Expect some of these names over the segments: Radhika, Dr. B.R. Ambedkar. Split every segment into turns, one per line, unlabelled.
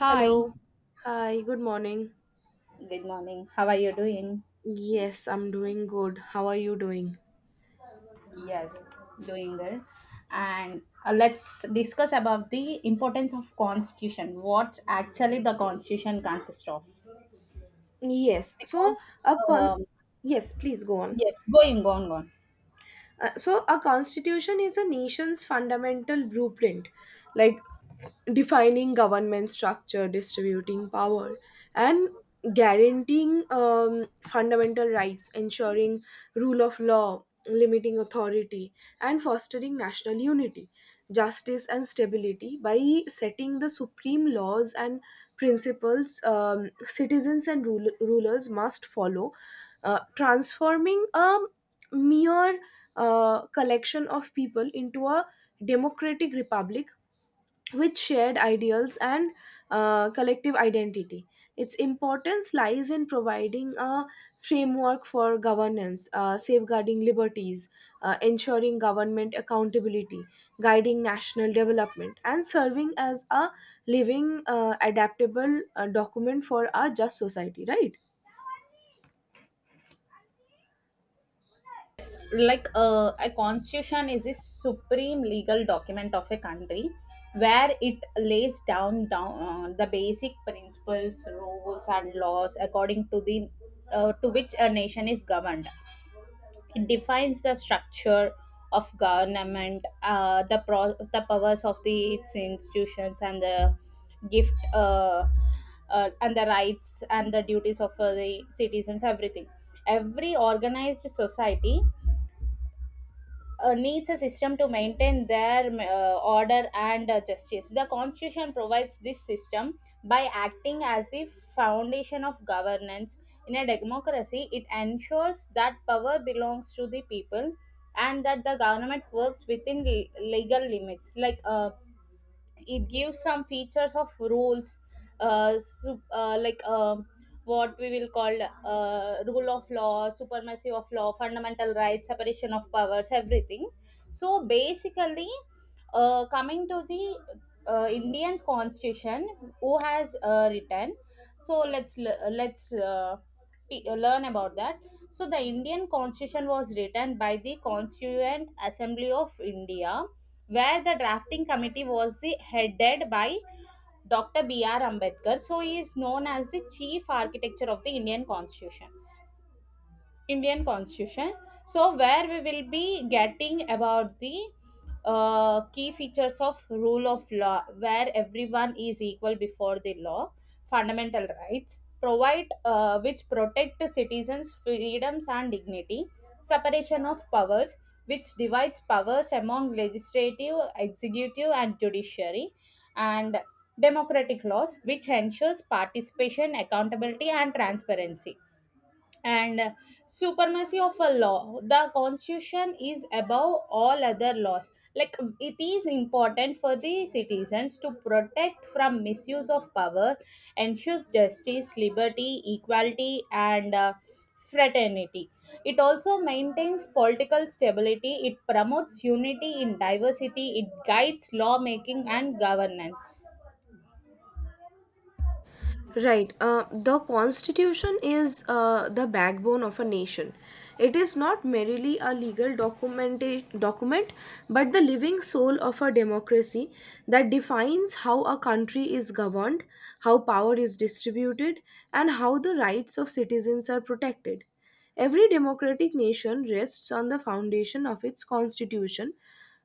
Hi,
Hello. Hi, good morning.
good morning. How are you doing?
Yes, I'm doing good. How are you doing?
Yes, doing good. And let's discuss about the importance of constitution. What actually the constitution consists of?
Yes, so
Because
a con
um,
yes, please go on.
yes, going on, go on.
So a constitution is a nation's fundamental blueprint, like defining government structure, distributing power, and guaranteeing fundamental rights, ensuring rule of law, limiting authority, and fostering national unity, justice, and stability by setting the supreme laws and principles citizens and rulers must follow, transforming a mere collection of people into a democratic republic with shared ideals and collective identity. Its importance lies in providing a framework for governance, safeguarding liberties, ensuring government accountability, guiding national development, and serving as a living, adaptable document for a just society, right?
It's like a constitution is a supreme legal document of a country where it lays down the basic principles, rules, and laws according to the to which a nation is governed. It defines the structure of government, the powers of the its institutions, and the gift and the rights and the duties of the citizens. Everything. Every organized society needs a system to maintain their order and justice. The constitution provides this system by acting as the foundation of governance. In a democracy, it ensures that power belongs to the people and that the government works within legal limits. Like it gives some features of rules uh, su- uh like um what we will call rule of law, supremacy of law, fundamental rights, separation of powers, everything. So basically, coming to the Indian constitution, who has written. So let's learn about that. So the Indian constitution was written by the Constituent Assembly of India, where the drafting committee was headed by Dr. B.R. Ambedkar. So he is known as the chief architecture of the Indian Constitution. Indian Constitution. So, where we will be getting about the key features of rule of law, where everyone is equal before the law; fundamental rights, provide which protect the citizens' freedoms and dignity; separation of powers, which divides powers among legislative, executive, and judiciary; and democratic laws, which ensures participation, accountability, and transparency; and supremacy of a law. The constitution is above all other laws. Like it is important for the citizens to protect from misuse of power, ensures justice, liberty, equality, and fraternity. It also maintains political stability, it promotes unity in diversity, it guides lawmaking and governance.
Right. The constitution is the backbone of a nation. It is not merely a legal document, but the living soul of a democracy that defines how a country is governed, how power is distributed, and how the rights of citizens are protected. Every democratic nation rests on the foundation of its constitution,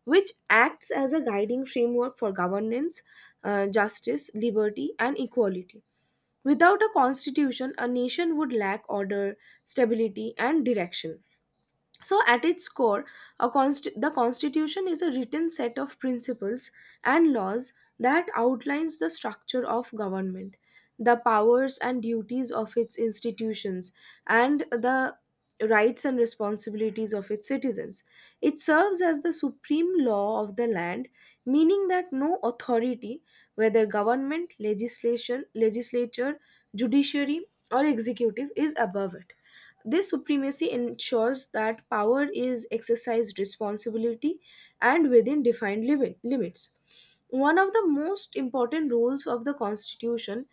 which acts as a guiding framework for governance, justice, liberty, and equality. Without a constitution, a nation would lack order, stability, and direction. So, at its core, the Constitution is a written set of principles and laws that outlines the structure of government, the powers and duties of its institutions, and the rights and responsibilities of its citizens. It serves as the supreme law of the land, meaning that no authority, whether government, legislation, legislature, judiciary, or executive, is above it. This supremacy ensures that power is exercised responsibility and within defined limits. One of the most important rules of the Constitution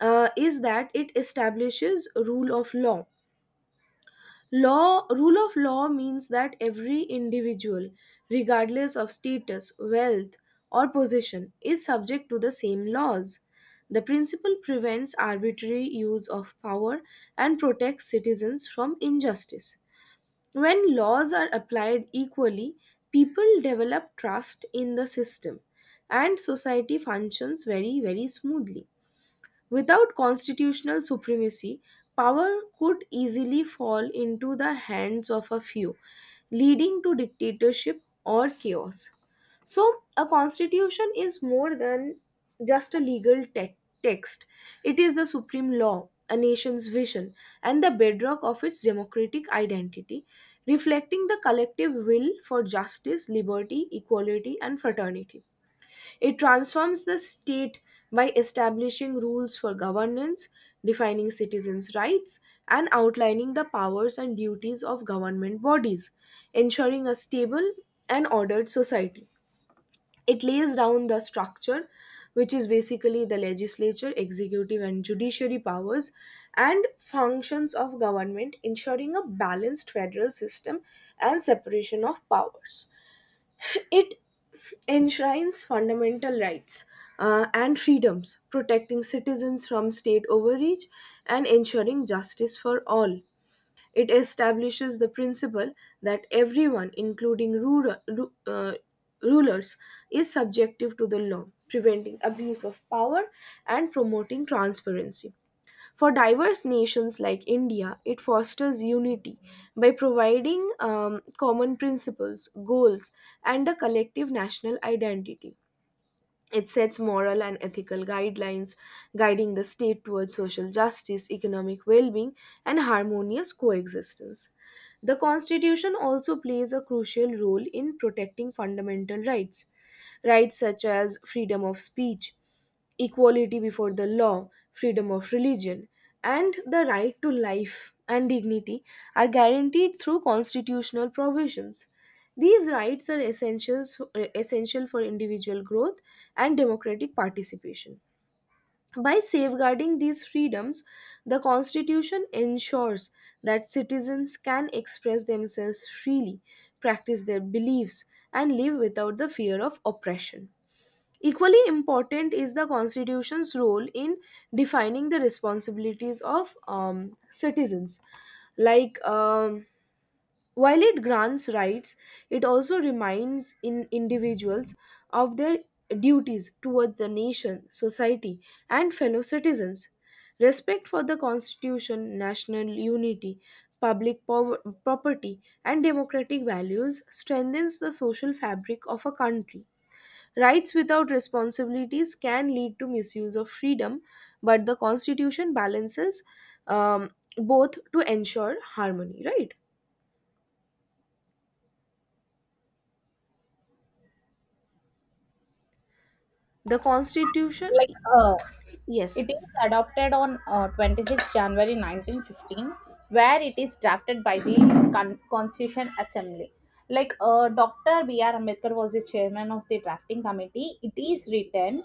is that it establishes rule of law. Rule of law means that every individual, regardless of status, wealth, or position, is subject to the same laws. The principle prevents arbitrary use of power and protects citizens from injustice. When laws are applied equally, people develop trust in the system and society functions very, very smoothly. Without constitutional supremacy, power could easily fall into the hands of a few, leading to dictatorship or chaos. So, a constitution is more than just a legal text. It is the supreme law, a nation's vision, and the bedrock of its democratic identity, reflecting the collective will for justice, liberty, equality, and fraternity. It transforms the state by establishing rules for governance, defining citizens' rights, and outlining the powers and duties of government bodies, ensuring a stable and ordered society. It lays down the structure, which is basically the legislature, executive, and judiciary powers, and functions of government, ensuring a balanced federal system and separation of powers. It enshrines fundamental rights and freedoms, protecting citizens from state overreach and ensuring justice for all. It establishes the principle that everyone, including rulers, is subjective to the law, preventing abuse of power and promoting transparency. For diverse nations like India, it fosters unity by providing common principles, goals, and a collective national identity. It sets moral and ethical guidelines, guiding the state towards social justice, economic well being, and harmonious coexistence. The Constitution also plays a crucial role in protecting fundamental rights, rights such as freedom of speech, equality before the law, freedom of religion, and the right to life and dignity are guaranteed through constitutional provisions. These rights are essential for individual growth and democratic participation. By safeguarding these freedoms, the Constitution ensures that citizens can express themselves freely, practice their beliefs, and live without the fear of oppression. Equally important is the Constitution's role in defining the responsibilities of citizens. Like, um, while it grants rights, it also reminds in individuals of their duties towards the nation, society, and fellow citizens. Respect for the constitution, national unity, public power, property, and democratic values strengthens the social fabric of a country. Rights without responsibilities can lead to misuse of freedom, but the constitution balances um, both to ensure harmony, right? The Constitution?
Like uh,
Yes,
it is adopted on 26 January 1915, where it is drafted by the Constitution Assembly. Like Dr. B.R. Ambedkar was the chairman of the drafting committee. It is written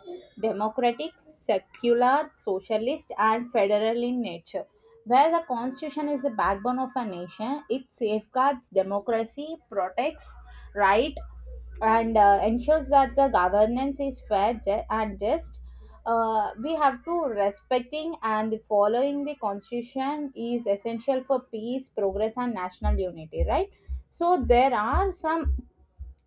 democratic, secular, socialist, and federal in nature. Where the constitution is the backbone of a nation, it safeguards democracy, protects right, and ensures that the governance is fair and just. We have to respecting and the following the constitution is essential for peace, progress, and national unity, right? So there are some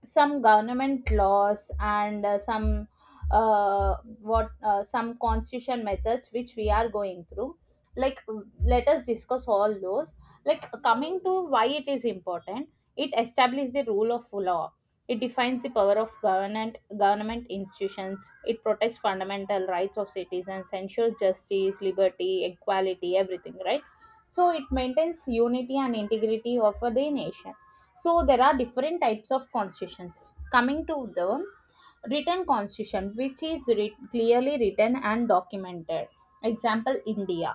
some government laws and some what some constitution methods which we are going through. Like let us discuss all those. Like coming to why it is important: it establishes the rule of law, it defines the power of government institutions, it protects fundamental rights of citizens, ensures justice, liberty, equality, everything, right? So it maintains unity and integrity of the nation. So there are different types of constitutions. Coming to the written constitution, which is clearly written and documented, example India.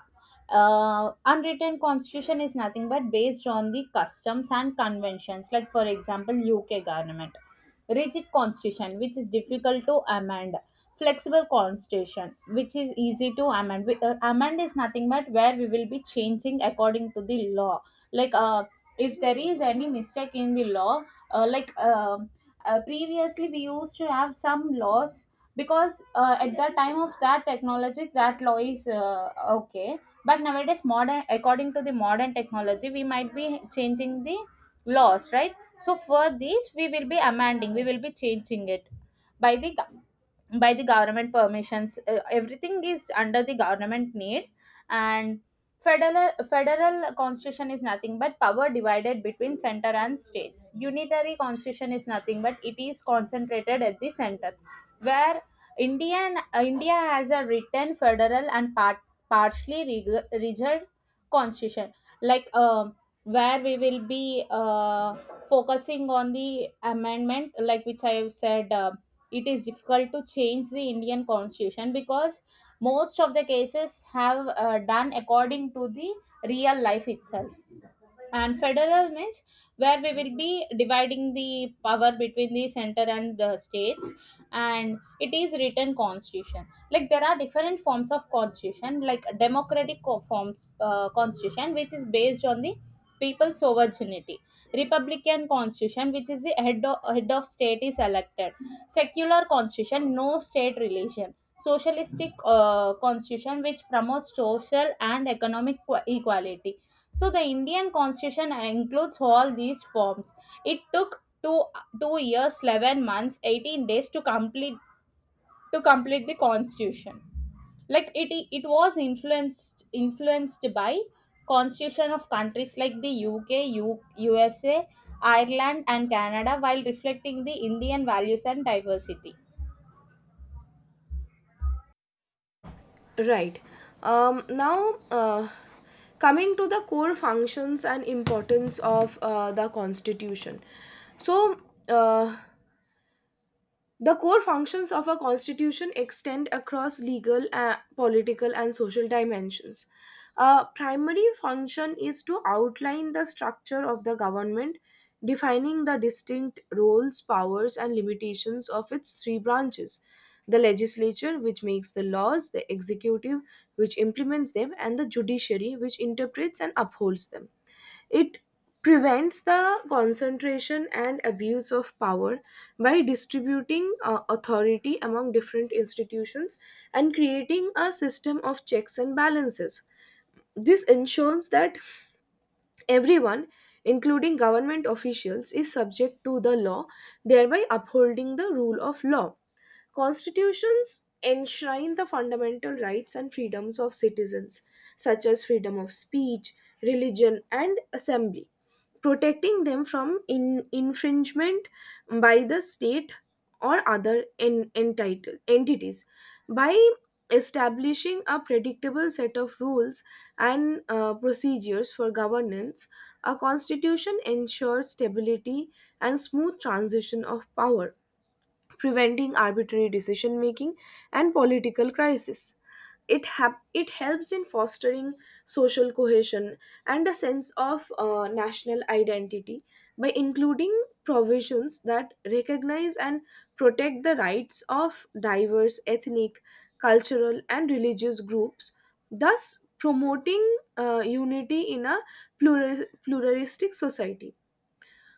Unwritten constitution is nothing but based on the customs and conventions, like for example UK government. Rigid constitution, which is difficult to amend. Flexible constitution, which is easy to amend. Amend is nothing but where we will be changing according to the law. Like if there is any mistake in the law, uh, like uh, previously we used to have some laws because at the time of that technology that law is okay, but nowadays modern, according to the modern technology, we might be changing the laws, right? So for this we will be amending, we will be changing it by the by the government permissions. Everything is under the government need. And federal constitution is nothing but power divided between center and states. Unitary constitution is nothing but it is concentrated at the center. Where India has a written, federal, and partially rigid constitution. Like where we will be focusing on the amendment, like which I have said, it is difficult to change the Indian constitution because most of the cases have done according to the real life itself. And federal means where we will be dividing the power between the center and the states, and it is written constitution. Like there are different forms of constitution, like democratic co- forms constitution, which is based on the people's sovereignty; republican constitution, which is the head of state is elected; secular constitution, no state relation; socialistic constitution, which promotes social and economic equality. So the Indian constitution includes all these forms. It took two years, 11 months, 18 days to complete the constitution. Like it was influenced by constitution of countries like the UK, U, USA, Ireland, and Canada, while reflecting the Indian values and diversity.
right. Um, now, uh, coming to the core functions and importance of the Constitution. So, uh, The core functions of a constitution extend across legal, political, and social dimensions. A primary function is to outline the structure of the government, defining the distinct roles, powers, and limitations of its three branches: the legislature, which makes the laws, the executive, which implements them, and the judiciary, which interprets and upholds them. It prevents the concentration and abuse of power by distributing authority among different institutions and creating a system of checks and balances. This ensures that everyone, including government officials, is subject to the law, thereby upholding the rule of law. Constitutions enshrine the fundamental rights and freedoms of citizens, such as freedom of speech, religion, and assembly, protecting them from infringement by the state or other entities. By establishing a predictable set of rules and procedures for governance, a constitution ensures stability and smooth transition of power, preventing arbitrary decision making and political crisis. It helps in fostering social cohesion and a sense of national identity by including provisions that recognize and protect the rights of diverse ethnic, cultural, and religious groups, thus promoting unity in a pluralistic society.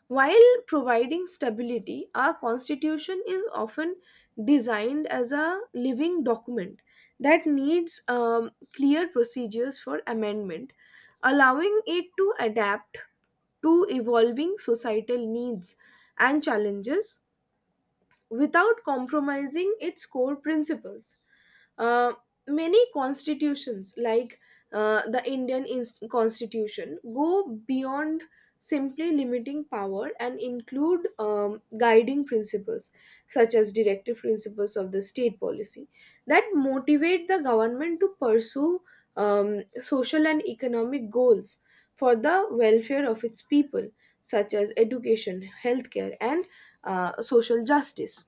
While providing stability, our constitution is often designed as a living document that needs clear procedures for amendment, allowing it to adapt to evolving societal needs and challenges without compromising its core principles. Uh, many constitutions, like uh, the Constitution, go beyond simply limiting power and include guiding principles such as directive principles of the state policy that motivate the government to pursue social and economic goals for the welfare of its people, such as education, healthcare, and social justice.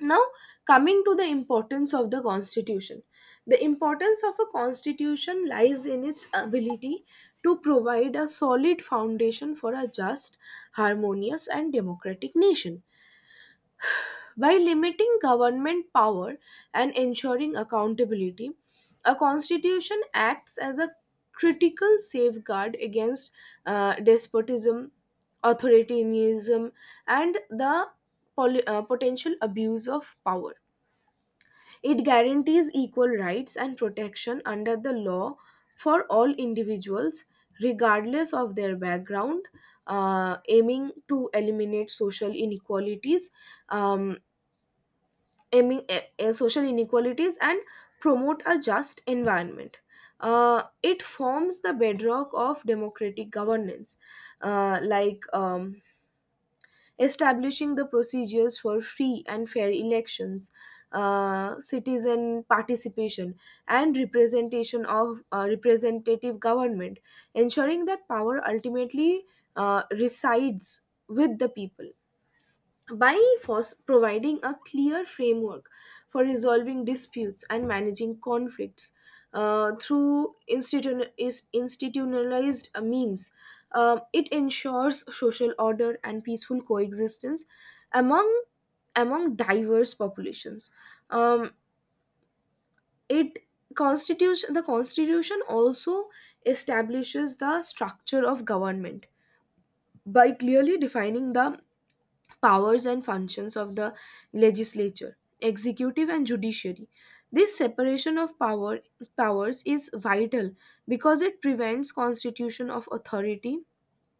Now, coming to the importance of the constitution. The importance of a constitution lies in its ability to provide a solid foundation for a just, harmonious, and democratic nation. By limiting government power and ensuring accountability, a constitution acts as a critical safeguard against despotism, authoritarianism, and the potential abuse of power. It guarantees equal rights and protection under the law for all individuals, regardless of their background, aiming to eliminate social inequalities, um, social inequalities and promote a just environment. It forms the bedrock of democratic governance, uh, like um, establishing the procedures for free and fair elections, citizen participation, and representation of representative government, ensuring that power ultimately resides with the people by providing a clear framework for resolving disputes and managing conflicts through institu- is institutionalized means. It ensures social order and peaceful coexistence among among diverse populations. Um, it constitutes the constitution also establishes the structure of government by clearly defining the powers and functions of the legislature, executive, and judiciary. This separation of power powers is vital because it prevents constitution of authority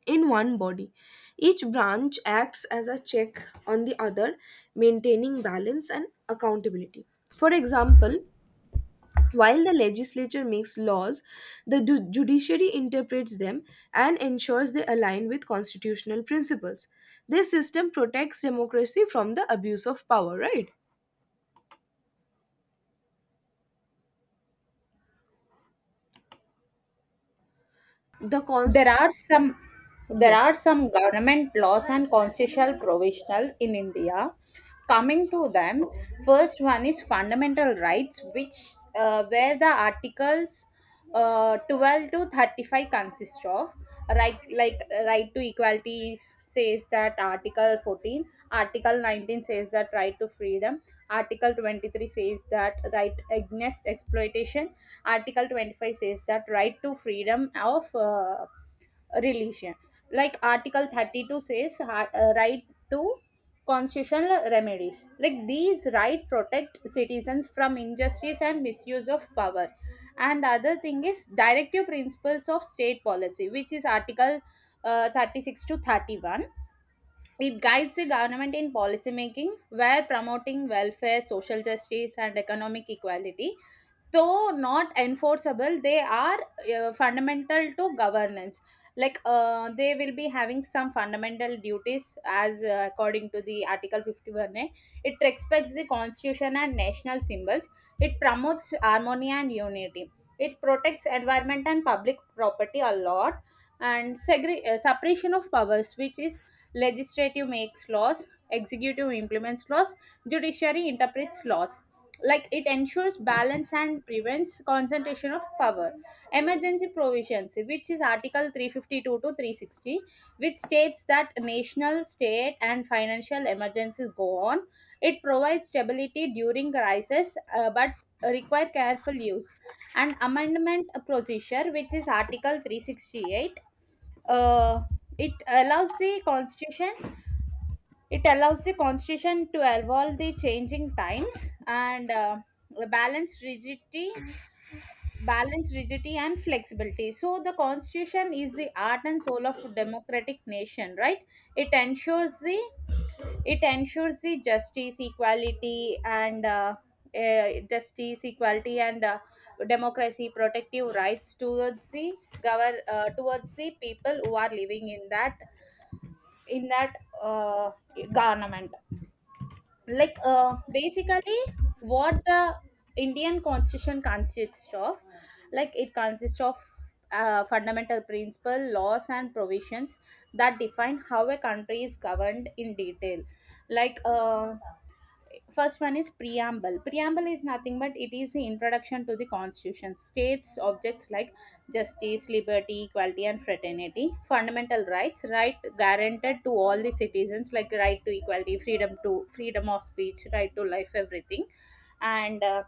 in one body. Each branch acts as a check on the other, maintaining balance and accountability. For example, while the legislature makes laws, the judiciary interprets them and ensures they align with constitutional principles. This system protects democracy from the abuse of power, right? The
There
const
are some there
Yes,
are some government laws and constitutional provisional in India. Coming to them, first one is fundamental rights, which where the articles 12 to 35 consist of right. Like right to equality says that article 14, article 19 says that right to freedom, article 23 says that right against exploitation, article 25 says that right to freedom of religion, like article 32 says right to constitutional remedies. Like these right protect citizens from injustice and misuse of power. And the other thing is directive principles of state policy, which is article 36 to 31. It guides the government in policy making, where promoting welfare, social justice, and economic equality. Though not enforceable, they are fundamental to governance. Like they will be having some fundamental duties as, according to the article 51 A. It respects the constitution and national symbols, it promotes harmony and unity, it protects environment and public property a lot. And separation of powers, which is legislative makes laws, executive implements laws, judiciary interprets laws. Like it ensures balance and prevents concentration of power. Emergency provisions, which is article 352 to 360, which states that national, state, and financial emergencies go on. It provides stability during crisis, but require careful use. And amendment procedure, which is article 368. uh, it allows the constitution it allows the constitution to evolve the changing times and balance rigidity balance rigidity and flexibility. So the constitution is the art and soul of democratic nation, right? It ensures the it ensures the justice, equality, and uh, justice equality and uh, democracy, protective rights towards the govern towards the people who are living in that uh, government. Like basically, what the Indian constitution consists of. Like it consists of fundamental principle, laws, and provisions that define how a country is governed in detail. Like first one is preamble. Preamble is nothing but it is the introduction to the constitution, states objects like justice, liberty, equality, and fraternity. Fundamental rights, right guaranteed to all the citizens, like right to equality, freedom to freedom of speech, right to life, everything. And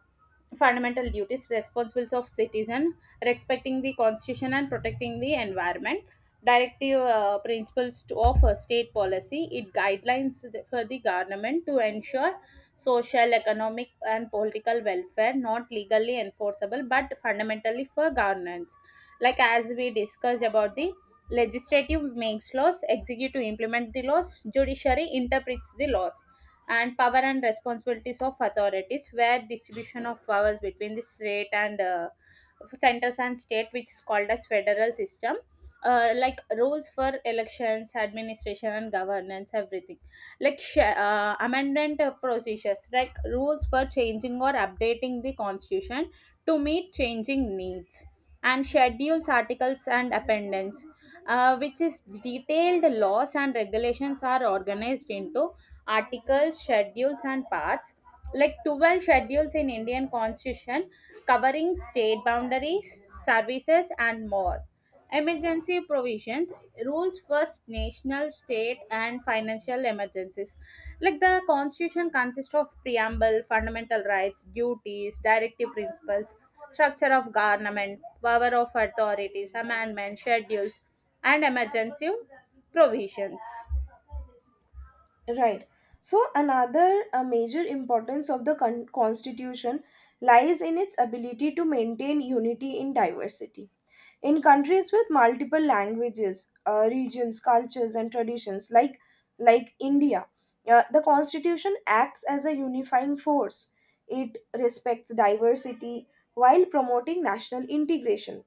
fundamental duties, responsibilities of citizen, respecting the constitution and protecting the environment. Directive principles to offer state policy, it guidelines for the government to ensure social, economic, and political welfare, not legally enforceable but fundamentally for governance. Like as we discussed about the legislative makes laws, executive implement the laws, judiciary interprets the laws. And power and responsibilities of authorities, where distribution of powers between the state and centers and state, which is called as federal system. Like rules for elections, administration, and governance, everything. Like amendment procedures, like rules for changing or updating the constitution to meet changing needs. And schedules, articles, and appendix, which is detailed laws and regulations are organized into articles, schedules, and parts. Like 12 schedules in Indian Constitution, covering state boundaries, services, and more. Emergency provisions, rules first national, state, and financial emergencies. Like the constitution consists of preamble, fundamental rights, duties, directive principles, structure of government, power of authorities, amendments, schedules, and emergency provisions.
right. So, another major importance of the constitution lies in its ability to maintain unity in diversity. In countries with multiple languages, regions, cultures, and traditions, like India, the constitution acts as a unifying force. It respects diversity while promoting national integration.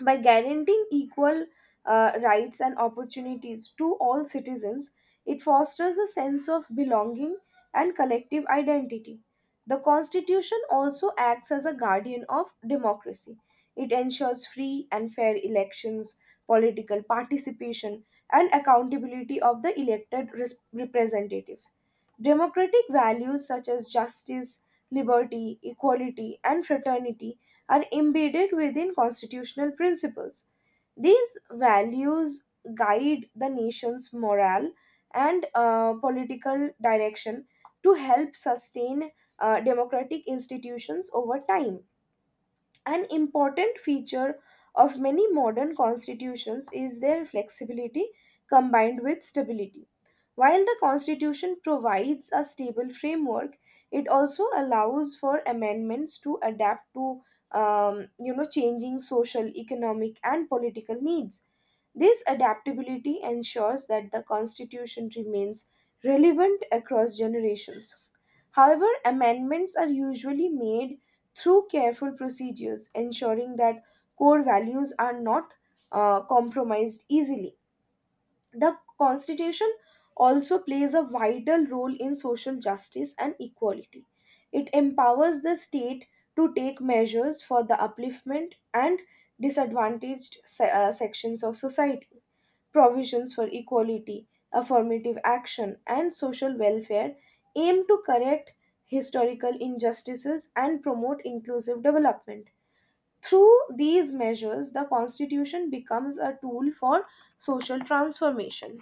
By guaranteeing equal rights and opportunities to all citizens, it fosters a sense of belonging and collective identity. The Constitution also acts as a guardian of democracy. It ensures free and fair elections, political participation, and accountability of the elected representatives. Democratic values such as justice, liberty, equality, and fraternity are embedded within constitutional principles. These values guide the nation's morale and political direction to help sustain democratic institutions over time. An important feature of many modern constitutions is their flexibility combined with stability. While the constitution provides a stable framework, it also allows for amendments to adapt to changing social, economic, and political needs. This adaptability ensures that the constitution remains relevant across generations. However, amendments are usually made through careful procedures, ensuring that core values are not compromised easily. The Constitution also plays a vital role in social justice and equality. It empowers the state to take measures for the upliftment and sections of society. Provisions for equality, affirmative action, and social welfare aim to correct historical injustices and promote inclusive development. Through these measures, the Constitution becomes a tool for social transformation.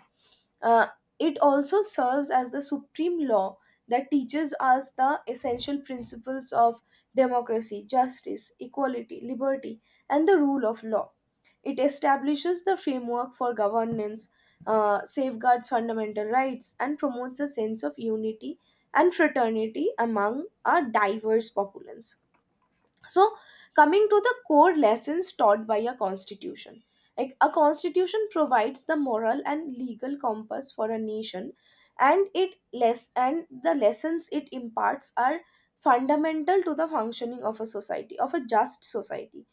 Uh, it also serves as the supreme law that teaches us the essential principles of democracy, justice, equality, liberty, and the rule of law. It establishes the framework for governance, safeguards fundamental rights, and promotes a sense of unity and fraternity among a diverse populace. So, coming to the core lessons taught by a constitution, like, a constitution provides the moral and legal compass for a nation, and it less and the lessons it imparts are fundamental to the functioning of a just society.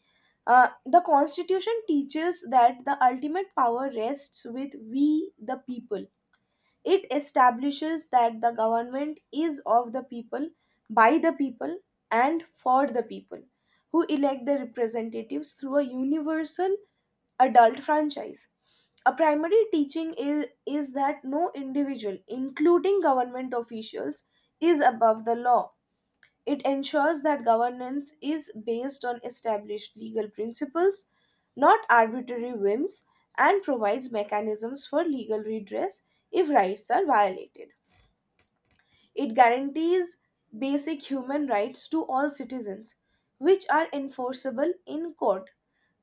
The constitution teaches that the ultimate power rests with we the people. It establishes that the government is of the people, by the people, and for the people, who elect their representatives through a universal adult franchise. A primary teaching is that no individual, including government officials, is above the law. It ensures that governance is based on established legal principles, not arbitrary whims, and provides mechanisms for legal redress if rights are violated. It guarantees basic human rights to all citizens, which are enforceable in court.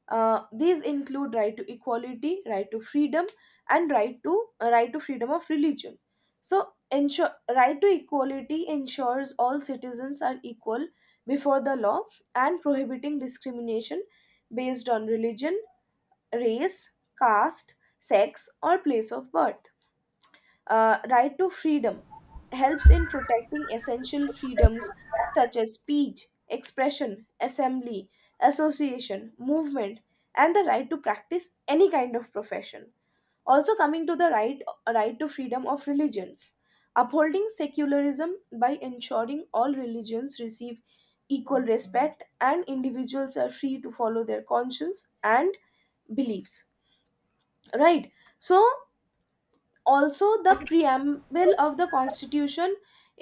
These include right to equality, right to freedom, and right to freedom of religion. So, ensure right to equality ensures all citizens are equal before the law and prohibiting discrimination based on religion, race, caste, sex, or place of birth. Right to freedom helps in protecting essential freedoms such as speech, expression, assembly, association, movement, and the right to practice any kind of profession. Also, coming to the right to freedom of religion, upholding secularism by ensuring all religions receive equal respect and individuals are free to follow their conscience and beliefs, right? So, also the preamble of the constitution,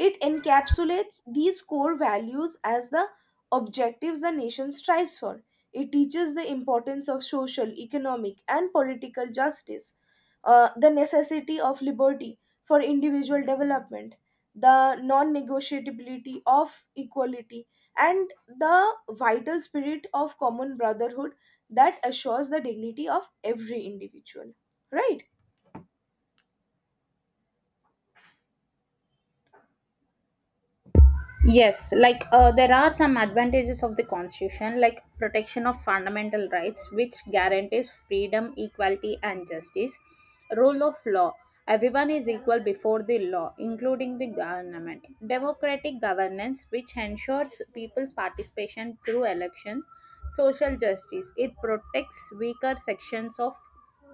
it encapsulates these core values as the objectives the nation strives for. It teaches the importance of social, economic, and political justice, the necessity of liberty for individual development, the non-negotiability of equality, and the vital spirit of common brotherhood that assures the dignity of every individual, right.
Yes, like there are some advantages of the constitution, like protection of fundamental rights, which guarantees freedom, equality, and justice. Rule of law, everyone is equal before the law, including the government. Democratic governance, which ensures people's participation through elections. Social justice, it protects weaker sections of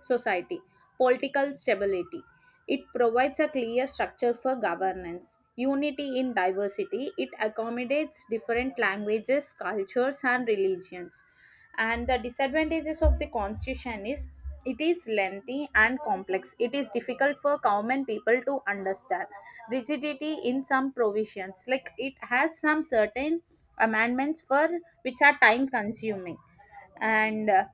society. Political stability, it provides a clear structure for governance. Unity in diversity, it accommodates different languages, cultures, and religions. And the disadvantages of the constitution is it is lengthy and complex, it is difficult for common people to understand. Rigidity in some provisions, like it has some certain amendments for which are time consuming. And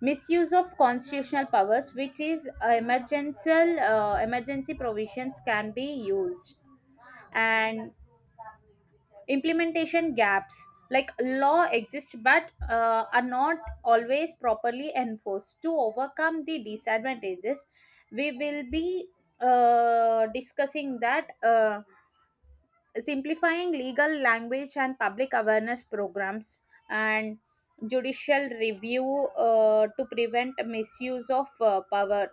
misuse of constitutional powers, which is emergency provisions can be used. And implementation gaps, like law exists but are not always properly enforced. To overcome the disadvantages, we will be discussing that: simplifying legal language and public awareness programs, and judicial review to prevent misuse of power,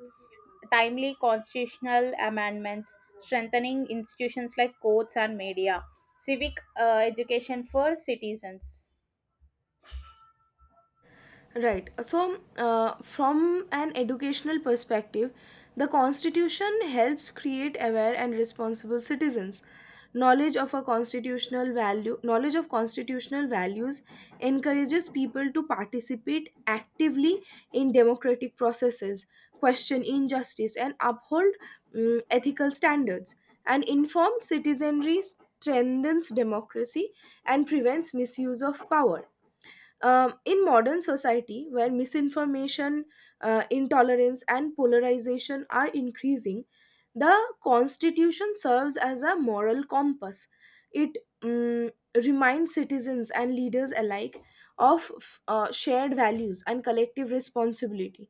timely constitutional amendments, strengthening institutions like courts and media, civic education for citizens.
Right. So, from an educational perspective, the Constitution helps create aware and responsible citizens. Knowledge of constitutional values encourages people to participate actively in democratic processes, question injustice, and uphold ethical standards. An informed citizenry strengthens democracy and prevents misuse of power. Um, in modern society, where misinformation, intolerance, and polarization are increasing, the Constitution serves as a moral compass. It reminds citizens and leaders alike of shared values and collective responsibility.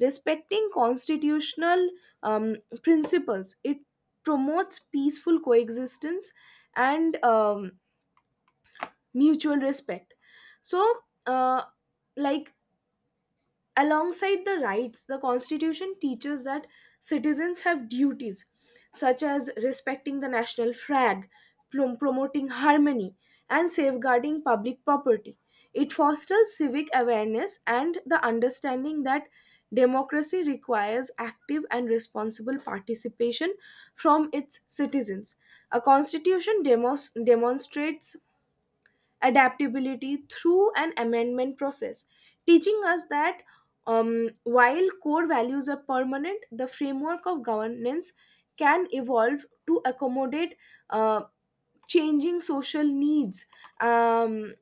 Respecting constitutional um, principles, it promotes peaceful coexistence and mutual respect. So, uh, like, alongside the rights, the constitution teaches that citizens have duties such as respecting the national flag, promoting harmony, and safeguarding public property. It fosters civic awareness and the understanding that democracy requires active and responsible participation from its citizens. A constitution demonstrates adaptability through an amendment process, teaching us that while core values are permanent, the framework of governance can evolve to accommodate uh, changing social needs. Um,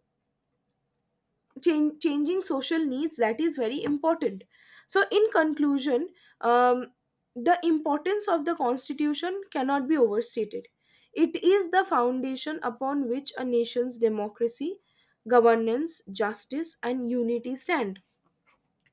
Changing social needs, that is very important. So, in conclusion, um, the importance of the constitution cannot be overstated. It is the foundation upon which a nation's democracy, governance, justice, and unity stand.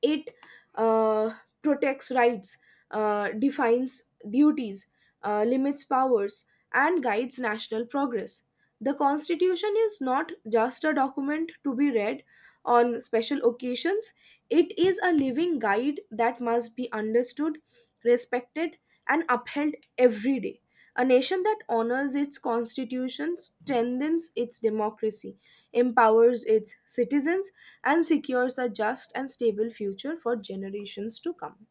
It uh, protects rights, defines duties, limits powers, and guides national progress. The Constitution is not just a document to be read on special occasions; it is a living guide that must be understood, respected, and upheld every day. A nation that honors its constitution strengthens its democracy, empowers its citizens, and secures a just and stable future for generations to come.